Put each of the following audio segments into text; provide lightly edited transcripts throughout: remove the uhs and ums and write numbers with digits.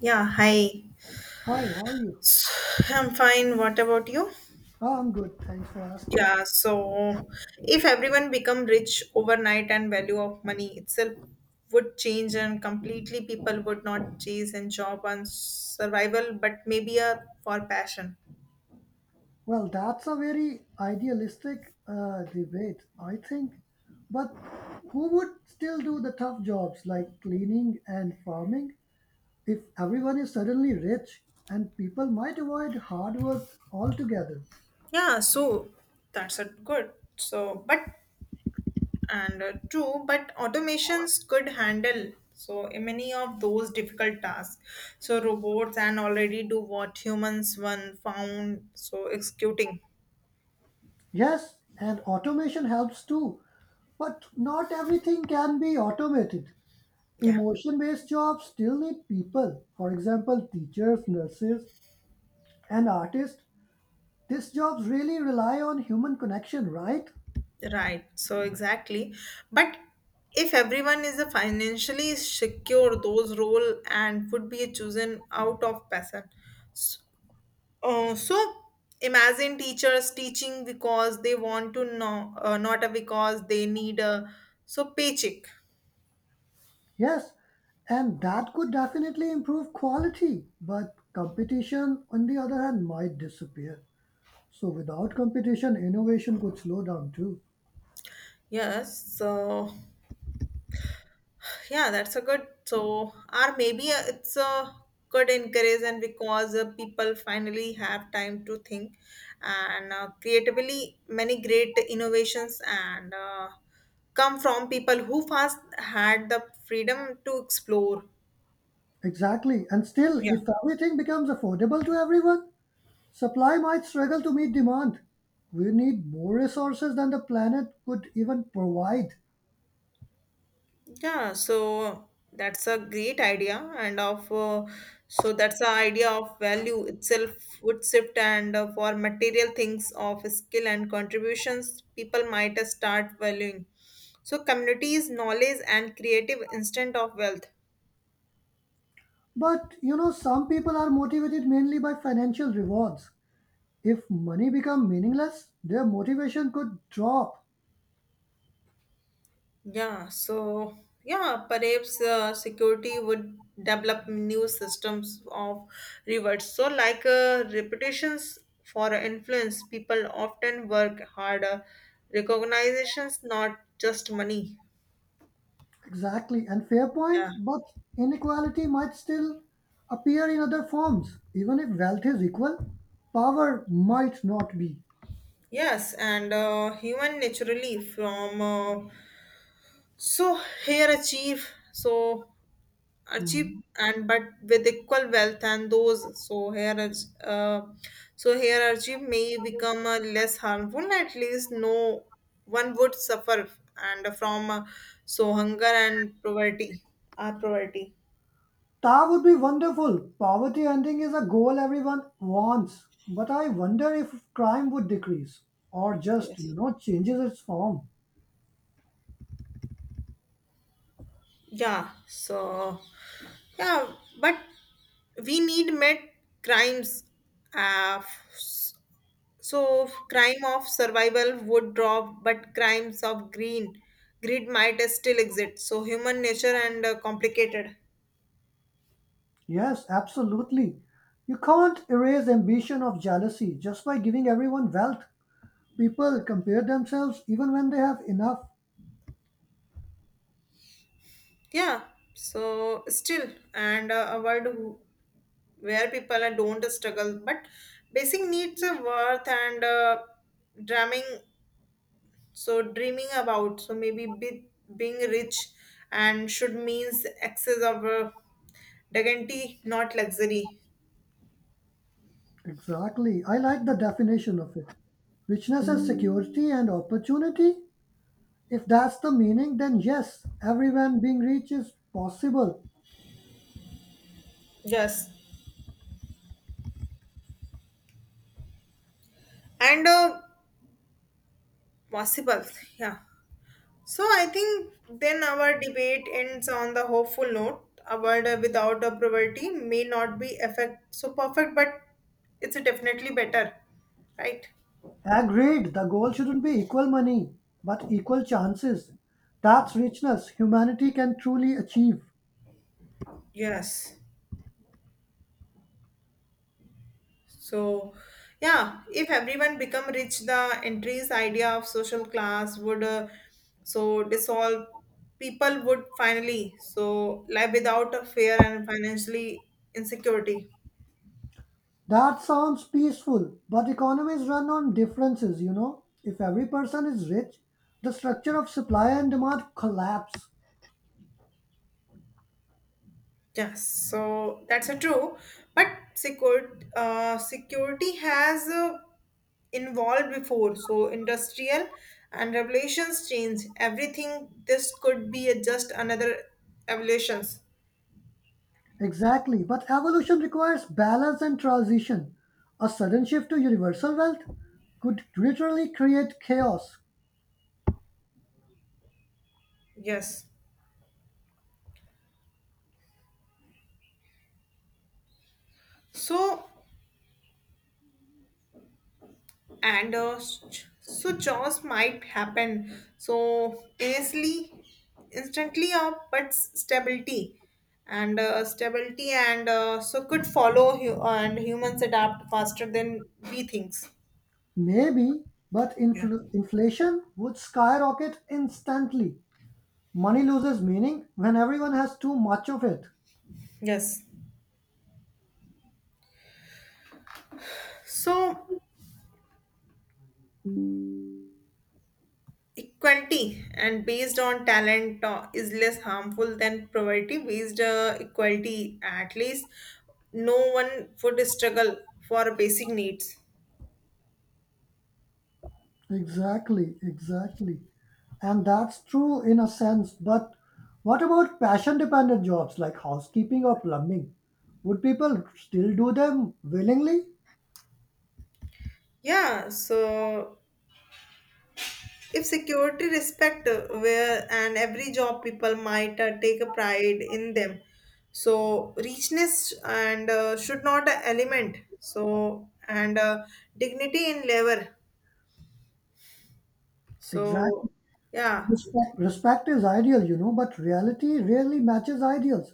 Yeah, hi. Hi, how are you? I'm fine. What about you? I'm good, thanks for asking. Yeah, so if everyone become rich overnight and value of money itself would change and completely people would not chase and job on survival but maybe a for passion. Well, that's a very idealistic debate, I think. But who would still do the tough jobs like cleaning and farming if everyone is suddenly rich and people might avoid hard work altogether? Yeah, so that's a good. So but and True but automations could handle so many of those difficult tasks so robots and already do what humans one found so executing. Yes, and automation helps too, but not everything can be automated. Yeah, Emotion based jobs still need people, for example, teachers, nurses, and artists. These jobs really rely on human connection, right? right, so exactly, but if everyone is a financially secure those role and would be chosen out of passion. so, so imagine teachers teaching because they want to know, not because they need a so paycheck. Yes, and that could definitely improve quality, but competition, on the other hand, might disappear. So, without competition, innovation could slow down too. Yes, so yeah, that's a good. So, or maybe it's a good encouragement because people finally have time to think and creatively many great innovations and come from people who first had the freedom to explore. Exactly, and still, Yeah. if everything becomes affordable to everyone, supply might struggle to meet demand. We need more resources than the planet could even provide. Yeah, so that's a great idea, and of so that's the idea of value itself would shift, and for material things of skill and contributions, people might start valuing. So communities, knowledge, and creative instant of wealth. But some people are motivated mainly by financial rewards. If money become meaningless, their motivation could drop. Yeah, so yeah, perhaps security would develop new systems of rewards. So, like reputations for influence, people often work harder. Recognitions, not just money. Exactly, and fair point, Yeah. but inequality might still appear in other forms. Even if wealth is equal, power might not be. Yes, and human naturally from, so here achieve so achieve Mhm. and but with equal wealth and those so here is, so here achieve may become less harmful, at least no one would suffer and from, so hunger and poverty are poverty. That would be wonderful. Poverty ending is a goal everyone wants, but I wonder if crime would decrease or just, Yes. Changes its form. Yeah, so yeah, but we need met crimes, uh, so crime of survival would drop, but crimes of green greed might still exist. So human nature and complicated. Yes, absolutely. You can't erase ambition of jealousy just by giving everyone wealth. People compare themselves even when they have enough. Yeah. So still and a where people don't struggle, but basic needs of worth and dreaming. So dreaming about. So maybe being rich and should means excess of dignity, not luxury. Exactly. I like the definition of it. Richness as security and opportunity. If that's the meaning, then yes, everyone being rich is possible. Yes. And Possible, yeah. So I think then our debate ends on the hopeful note. A world without a poverty may not be effect so perfect, but it's definitely better, right? Agreed, the goal shouldn't be equal money, but equal chances. That's richness humanity can truly achieve. Yes. So, yeah, if everyone become rich, the entries idea of social class would so dissolve. People would finally so live without a fear and financially insecurity. That sounds peaceful, but economies run on differences, you know. If every person is rich, the structure of supply and demand collapse. Yes, so that's a true, but security has involved before. So industrial and revolutions change everything. This could be a, just another evolutions. Exactly, but evolution requires balance and transition. A sudden shift to universal wealth could literally create chaos. Yes. So so jaws might happen so instantly up but stability and so could follow and humans adapt faster than we thinks. Maybe, but Yeah. Inflation would skyrocket instantly. Money loses meaning when everyone has too much of it. Yes, so equality and based on talent is less harmful than poverty based equality, at least no one would struggle for basic needs. Exactly, exactly. And that's true in a sense, but what about passion dependent jobs like housekeeping or plumbing? Would people still do them willingly? Yeah, so if security respect where and every job people might take a pride in them. So richness and should not a element. So and dignity in labor. Exactly. So yeah, Respect is ideal, but reality rarely matches ideals.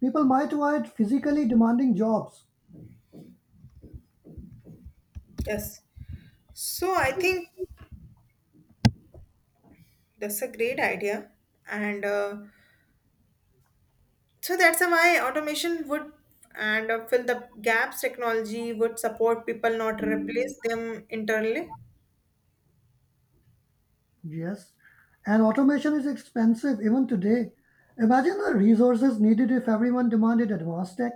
People might want physically demanding jobs, yes. So I think that's a great idea, and so that's why automation would and fill the gaps. Technology would support people, not replace them internally. yes, and automation is expensive even today. Imagine the resources needed if everyone demanded advanced tech.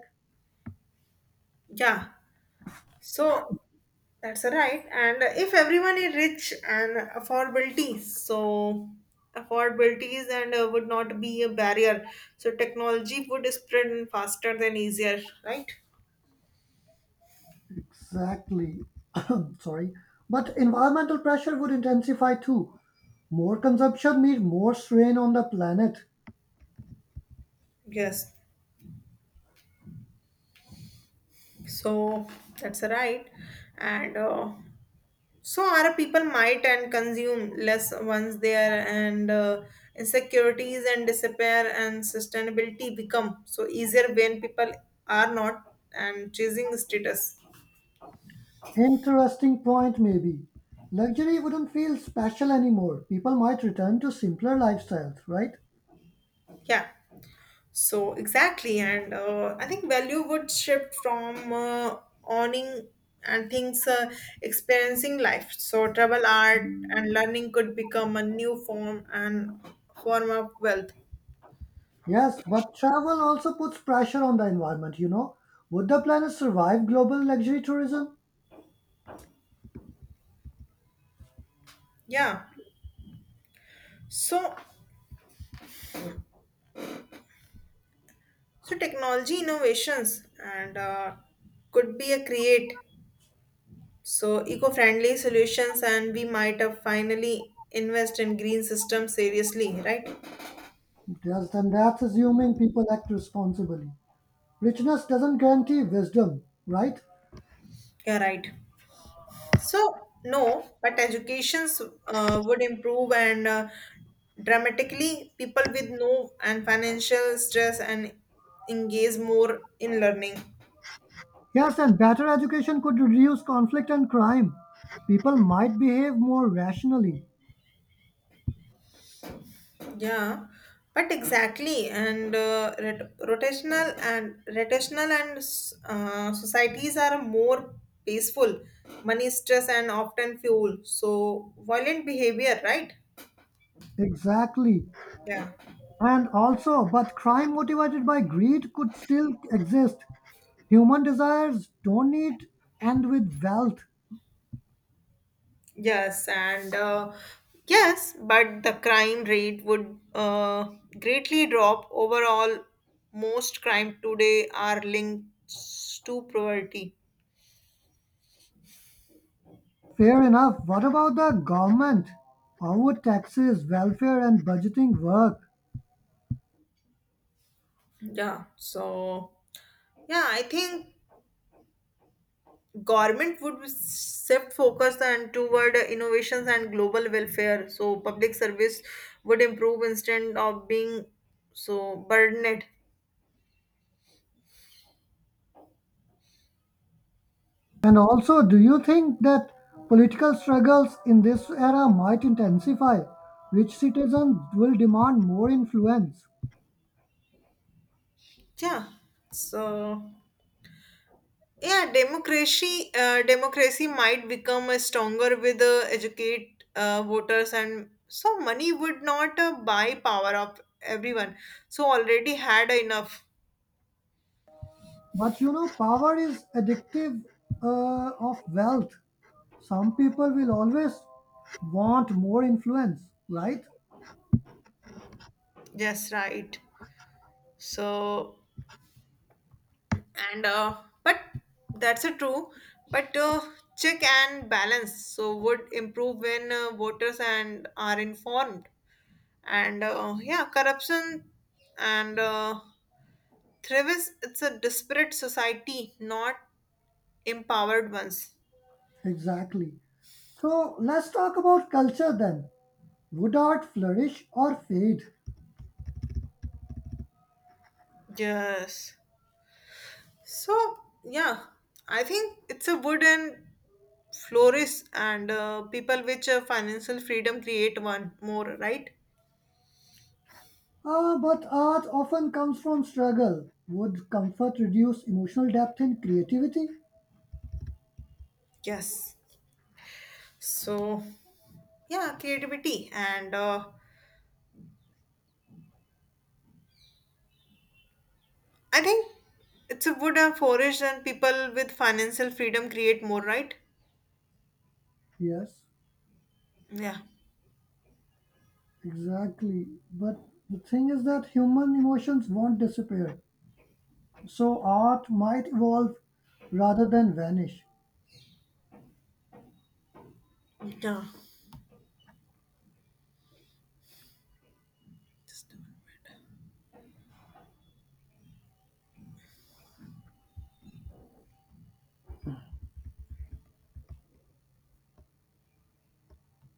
Yeah. So that's right. And if everyone is rich and affordability, so affordabilities and would not be a barrier. So technology would spread faster than easier, right? Exactly. Sorry. But environmental pressure would intensify too. More consumption means more strain on the planet. Yes. So that's right. And so our people might and consume less once there and insecurities and despair and sustainability become so easier when people are not and chasing status. Interesting point, maybe. Luxury wouldn't feel special anymore. People might return to simpler lifestyles, right? Yeah, so exactly, and I think value would shift from owning and things, experiencing life. So travel, art, and learning could become a new form and form of wealth. Yes, but travel also puts pressure on the environment, you know. Would the planet survive global luxury tourism? Yeah, so so technology innovations and could be a create so eco-friendly solutions, and we might have finally invest in green systems seriously, right? Yes, and that's assuming people act responsibly. Richness doesn't guarantee wisdom, right? Yeah, right. So, no, but educations would improve and dramatically people with no and financial stress and engage more in learning. Yes, and better education could reduce conflict and crime. People might behave more rationally. Yeah, but exactly, and rotational and societies are more peaceful, money stress and often fuel. So violent behavior, right? Exactly. Yeah. And also, but crime motivated by greed could still exist. Human desires don't need end with wealth. Yes, and yes, but the crime rate would greatly drop. Overall, most crime today are linked to poverty. Fair enough. What about the government? How would taxes, welfare, and budgeting work? Yeah. So, yeah, I think government would shift focus and toward innovations and global welfare. So, public service would improve instead of being so burdened. And also, do you think that political struggles in this era might intensify? Rich citizens will demand more influence. Yeah. So. Yeah, democracy might become a stronger with educate voters and so money would not buy power of everyone. So already had enough. But power is addictive of wealth. Some people will always want more influence, right? Yes, right. So and but that's a true. But check and balance so would improve when voters and are informed and yeah corruption and thrives, it's a disparate society not empowered ones. Exactly. So let's talk about culture then. Would art flourish or fade? Yes. So yeah, I think it's a good and flourish and people which financial freedom create one more right. Ah, but art often comes from struggle. Would comfort reduce emotional depth and creativity? Yes. So yeah, creativity and I think it's a good and flourish and people with financial freedom create more right. Yes, Yeah. exactly. But the thing is that human emotions won't disappear. So art might evolve rather than vanish. Yeah.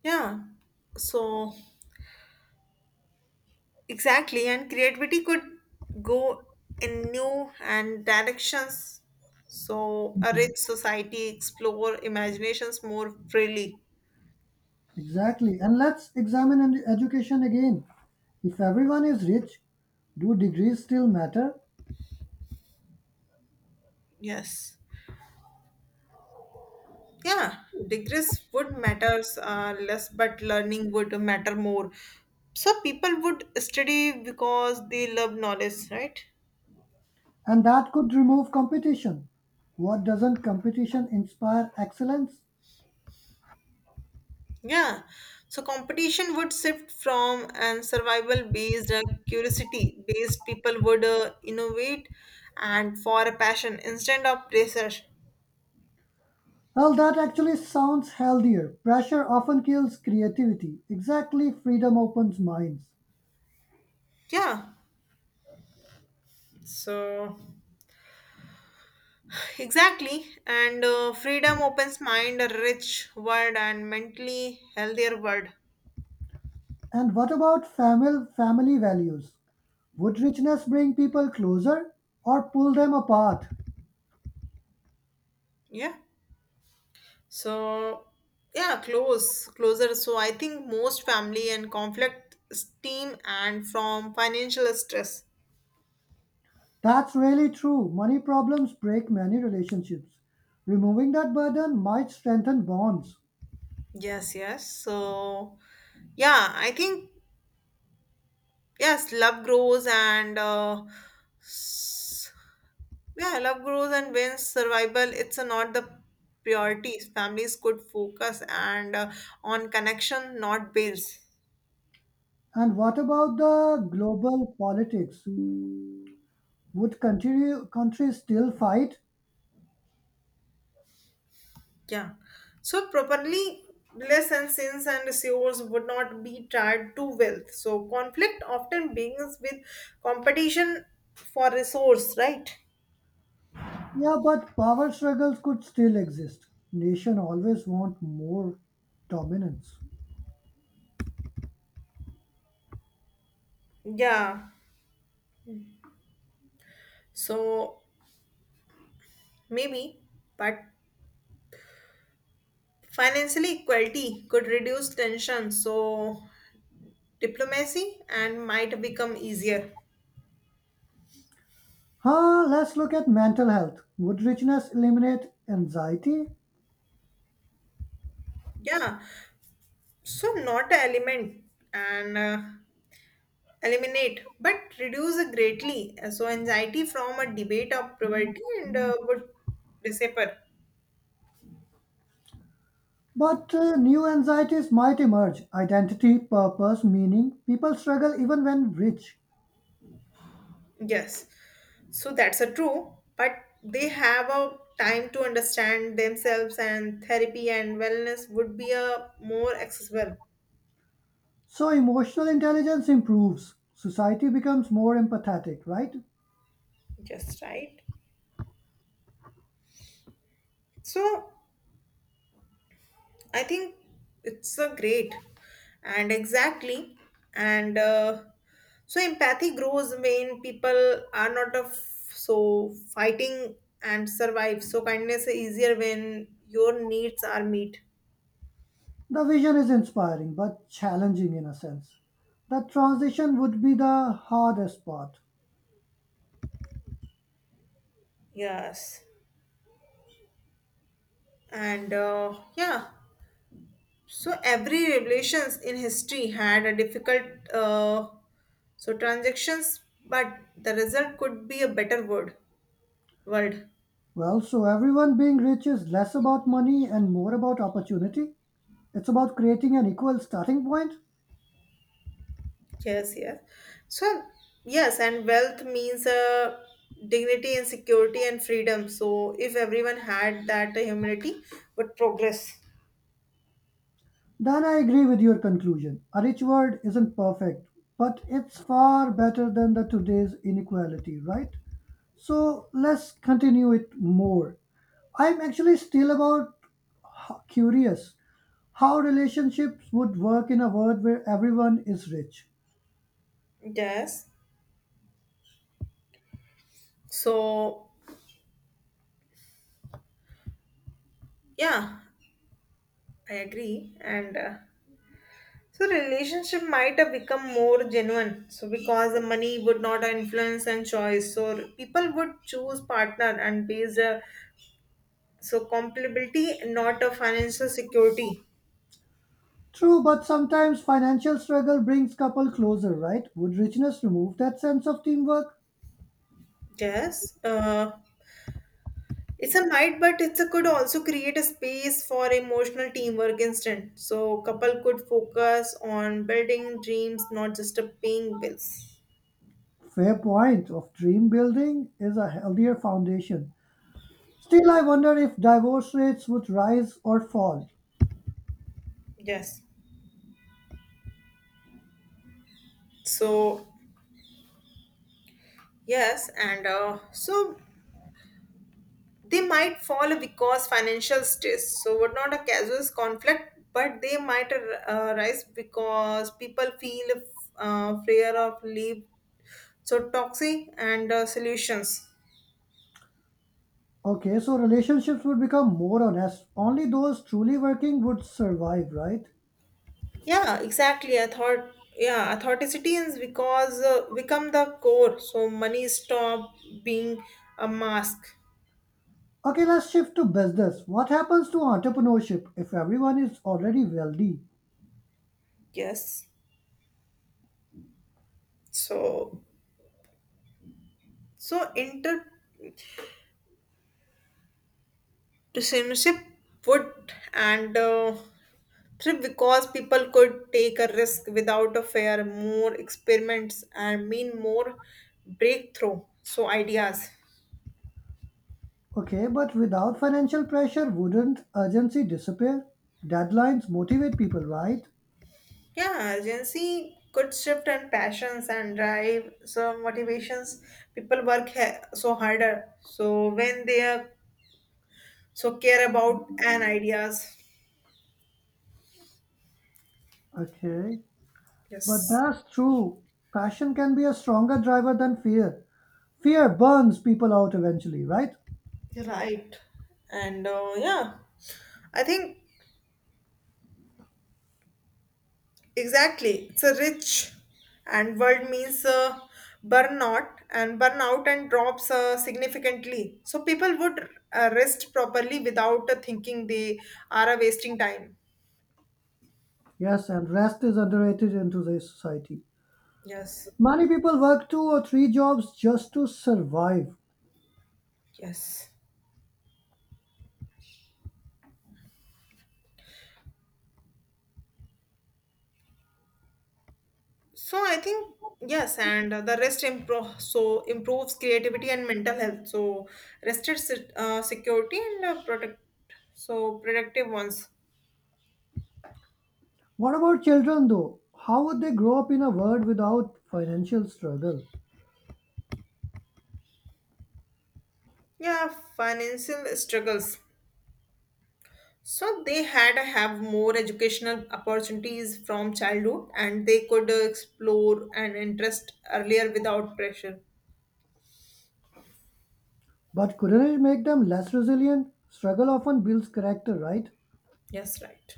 Yeah. So exactly, and creativity could go in new and directions. So a Mhm. rich society explore imaginations more freely. Exactly. And let's examine education again. If everyone is rich, do degrees still matter? Yes. Yeah, degrees would matters less, but learning would matter more. So people would study because they love knowledge, right? And that could remove competition. What doesn't competition inspire excellence? Yeah, so competition would shift from and survival based curiosity based people would innovate and for a passion instead of pressure. Well, that actually sounds healthier. Pressure often kills creativity. Exactly, freedom opens minds. Yeah, so, exactly. And freedom opens mind a rich world and mentally healthier world. And what about family values? Would richness bring people closer or pull them apart? Yeah. So yeah, closer. So I think most family and conflict steam and from financial stress. That's really true. Money problems break many relationships. Removing that burden might strengthen bonds. Yes, yes. So, yeah, I think yes, love grows and s- yeah, love grows and wins survival. It's not the priorities. Families could focus and on connection, not bills. And what about the global politics? Would continue, countries still fight? Yeah. So properly bliss and sins and yours would not be tied to wealth. So conflict often begins with competition for resource, right? Yeah, but power struggles could still exist. Nation always want more dominance. Yeah. So maybe, but financial equality could reduce tension, so diplomacy and might become easier. Huh, let's look at mental health. Would richness eliminate anxiety? Yeah, so not a element and eliminate, but reduce greatly. So anxiety from a debate of poverty and would disappear. But new anxieties might emerge identity, purpose, meaning. People struggle even when rich. Yes, so that's a true, but they have a time to understand themselves and therapy and wellness would be a more accessible. So emotional intelligence improves, society becomes more empathetic, right? Just right. So I think it's a great and exactly and so empathy grows when people are not of so fighting and survive. So kindness is easier when your needs are met. The vision is inspiring but challenging in a sense. The transition would be the hardest part. Yes. And yeah, so every revelations in history had a difficult uh, so transactions, but the result could be a better word world. Well, so everyone being rich is less about money and more about opportunity. It's about creating an equal starting point. Yes, yes. So, yes, and wealth means dignity and security and freedom. So, if everyone had that humility, would progress. Then I agree with your conclusion. A rich world isn't perfect, but it's far better than the today's inequality, right? So let's continue it more. I'm actually still about curious how relationships would work in a world where everyone is rich. Yes. So, yeah, I agree. And so, relationship might have become more genuine. So, because the money would not influence and choice. So, people would choose partner and based so compatibility, not a financial security. True, but sometimes financial struggle brings couple closer, right? Would richness remove that sense of teamwork? Yes. It's a might, but it's a could also create a space for emotional teamwork instant. So couple could focus on building dreams, not just a paying bills. Fair point of dream building is a healthier foundation. Still, I wonder if divorce rates would rise or fall. Yes. So yes, and so they might fall because financial stress. So what not a casual conflict, but they might arise because people feel fear of leave. So toxic and solutions. Okay, so relationships would become more honest. Only those truly working would survive, right? Yeah, exactly. I thought, yeah, authenticity is because become the core. So money stop being a mask. Okay, let's shift to business. What happens to entrepreneurship if everyone is already wealthy? Yes. So so entrepreneurship would and thrive because people could take a risk without a fear, more experiments and mean more breakthrough. So ideas. Okay, but without financial pressure, wouldn't urgency disappear? Deadlines motivate people, right? Yeah, agency could shift and passions and drive some motivations. People work so harder. So when they are so care about and ideas. Okay, but Yes, that's true. Passion can be a stronger driver than fear. Fear burns people out eventually, right? you're right. And yeah, I think exactly. It's a rich and world means burnout and drops significantly. So people would rest properly without thinking they are wasting time. Yes, and rest is underrated in today's society. Yes. Many people work two or three jobs just to survive. Yes. So I think yes, and the rest improve so improves creativity and mental health. So rested security and protect so productive ones. What about children though? How would they grow up in a world without financial struggle? Yeah, financial struggles. So they had to have more educational opportunities from childhood, and they could explore an interest earlier without pressure. But couldn't it make them less resilient? Struggle often builds character, right? Yes, right.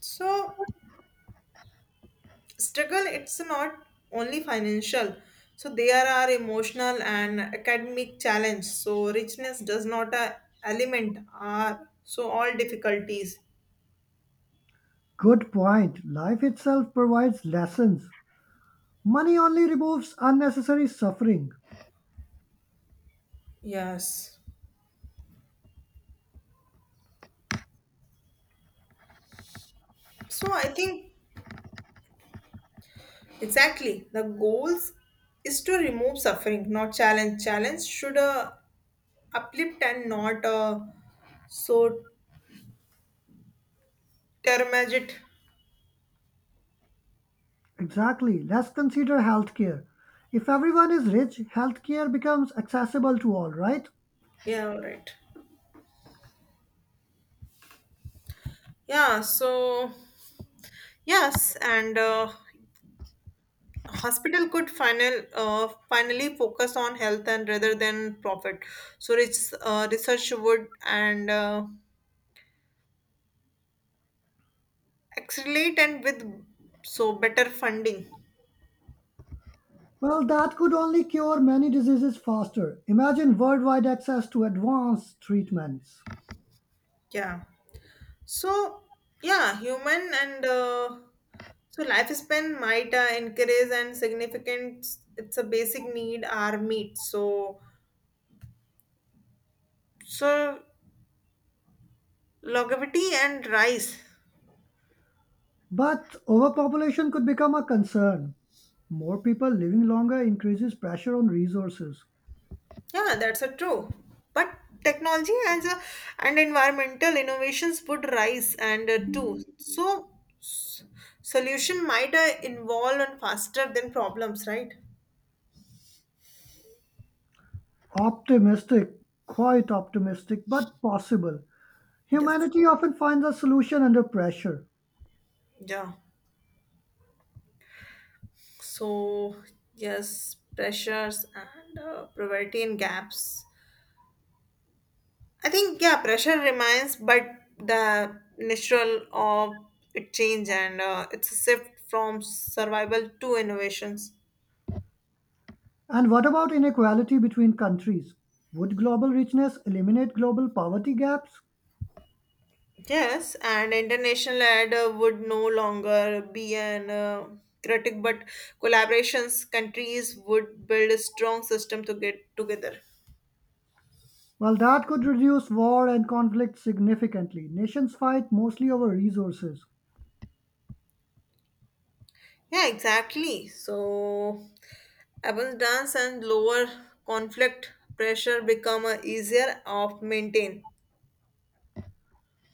So struggle it's not only financial, so there are emotional and academic challenge, so richness does not element are so all difficulties. Good point. Life itself provides lessons. Money only removes unnecessary suffering. Yes, so I think exactly, the goals is to remove suffering not challenge should uplift and not so termage it. Exactly. Let's consider healthcare. If everyone is rich, healthcare becomes accessible to all, right? Yeah, all right, yeah, so yes, and hospital could finally focus on health and rather than profit, so research would and accelerate and with so better funding. Well, that could only cure many diseases faster. Imagine worldwide access to advanced treatments. Yeah, so yeah, human and so lifespan might increase and significant, it's a basic need are meet so so longevity and rise. But overpopulation could become a concern. More people living longer increases pressure on resources. Yeah, that's a true. But technology and environmental innovations would rise and too. So s- solution might involve and faster than problems, right? Optimistic, quite optimistic, but possible. Yes. Humanity often finds a solution under pressure. Yeah. So yes, pressures and poverty and gaps. I think yeah, pressure remains, but the natural of it change and it's a shift from survival to innovations. And what about inequality between countries? Would global richness eliminate global poverty gaps? Yes, and international ad would no longer be an critic, but collaborations countries would build a strong system to get together. Well, that could reduce war and conflict significantly. Nations fight mostly over resources. Yeah, exactly. So, abundance and lower conflict pressure become easier of maintain.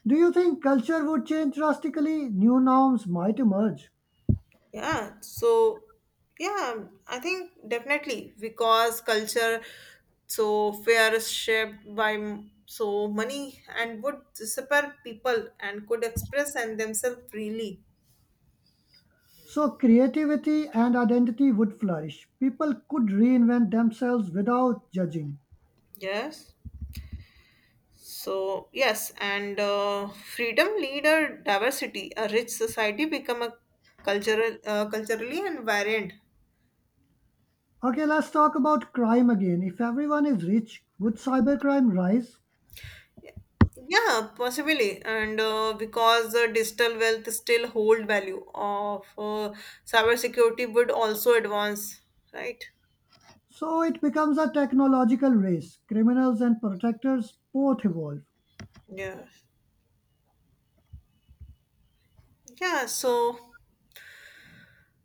Do you think culture would change drastically? New norms might emerge. Yeah, so yeah, I think definitely because culture so fear is shaped by so money and would disappear people and could express and themselves freely. So creativity and identity would flourish. People could reinvent themselves without judging. Yes. So yes, and freedom, leader, diversity, a rich society become a culturally and variant. Okay, let's talk about crime again. If everyone is rich, would cybercrime rise? Yeah, possibly, and because the digital wealth still hold value of cybersecurity would also advance, right? So it becomes a technological race. Criminals and protectors both evolve. Yeah, yeah. So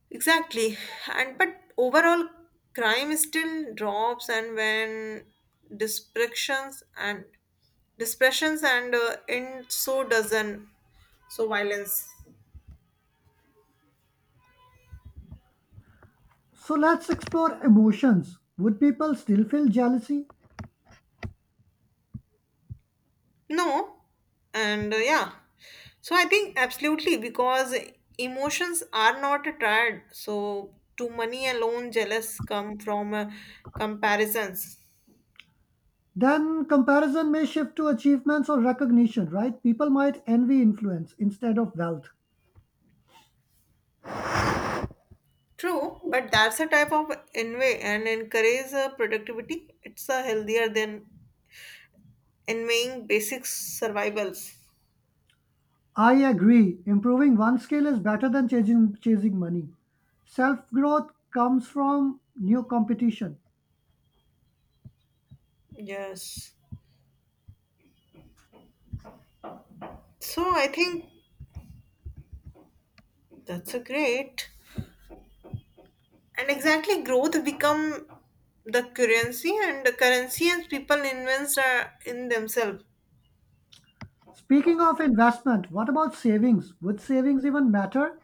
exactly, and but overall, crime still drops, and when dispersions and dispersions and in so doesn't so violence. So let's explore emotions. Would people still feel jealousy? No, and yeah, so I think absolutely because emotions are not tired. So to money alone, jealous come from comparisons. Then comparison may shift to achievements or recognition, right? People might envy influence instead of wealth. True, but that's a type of envy and encourage productivity. It's healthier than envying basic survivals. I agree. Improving one skill is better than chasing money. Self growth comes from new competition. Yes. So I think that's a great. And exactly growth become the currency as people invest in themselves. Speaking of investment, what about savings? Would savings even matter?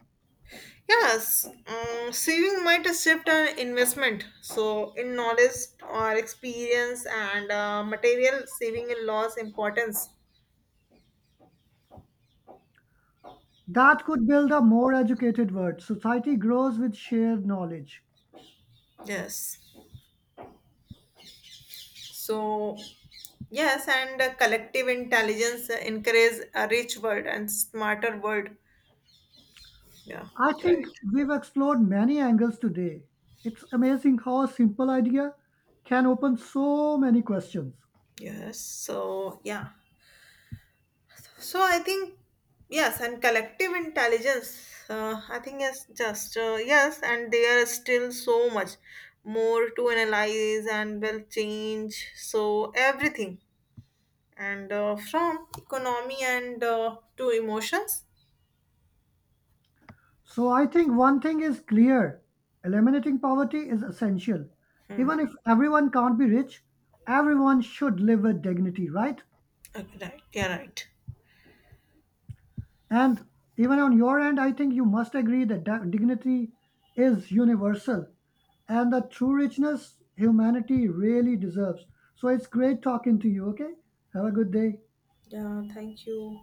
Yes, saving might shift an investment so in knowledge or experience and material saving in loss importance. That could build a more educated world. Society grows with shared knowledge. Yes, so yes, and collective intelligence encourages a rich world and smarter world. Yeah. I think Right. we've explored many angles today. It's amazing how a simple idea can open so many questions. Yes, so yeah, so I think yes, and collective intelligence. I think yes, just yes, and there is still so much more to analyze and will change. So everything, and from economy and to emotions. So I think one thing is clear eliminating poverty is essential. Even Hmm. if everyone can't be rich, everyone should live with dignity, right? Okay, right. Yeah. Right. And even on your end, I think you must agree that dignity is universal and the true richness humanity really deserves. So it's great talking to you, okay? Have a good day. Yeah. Thank you.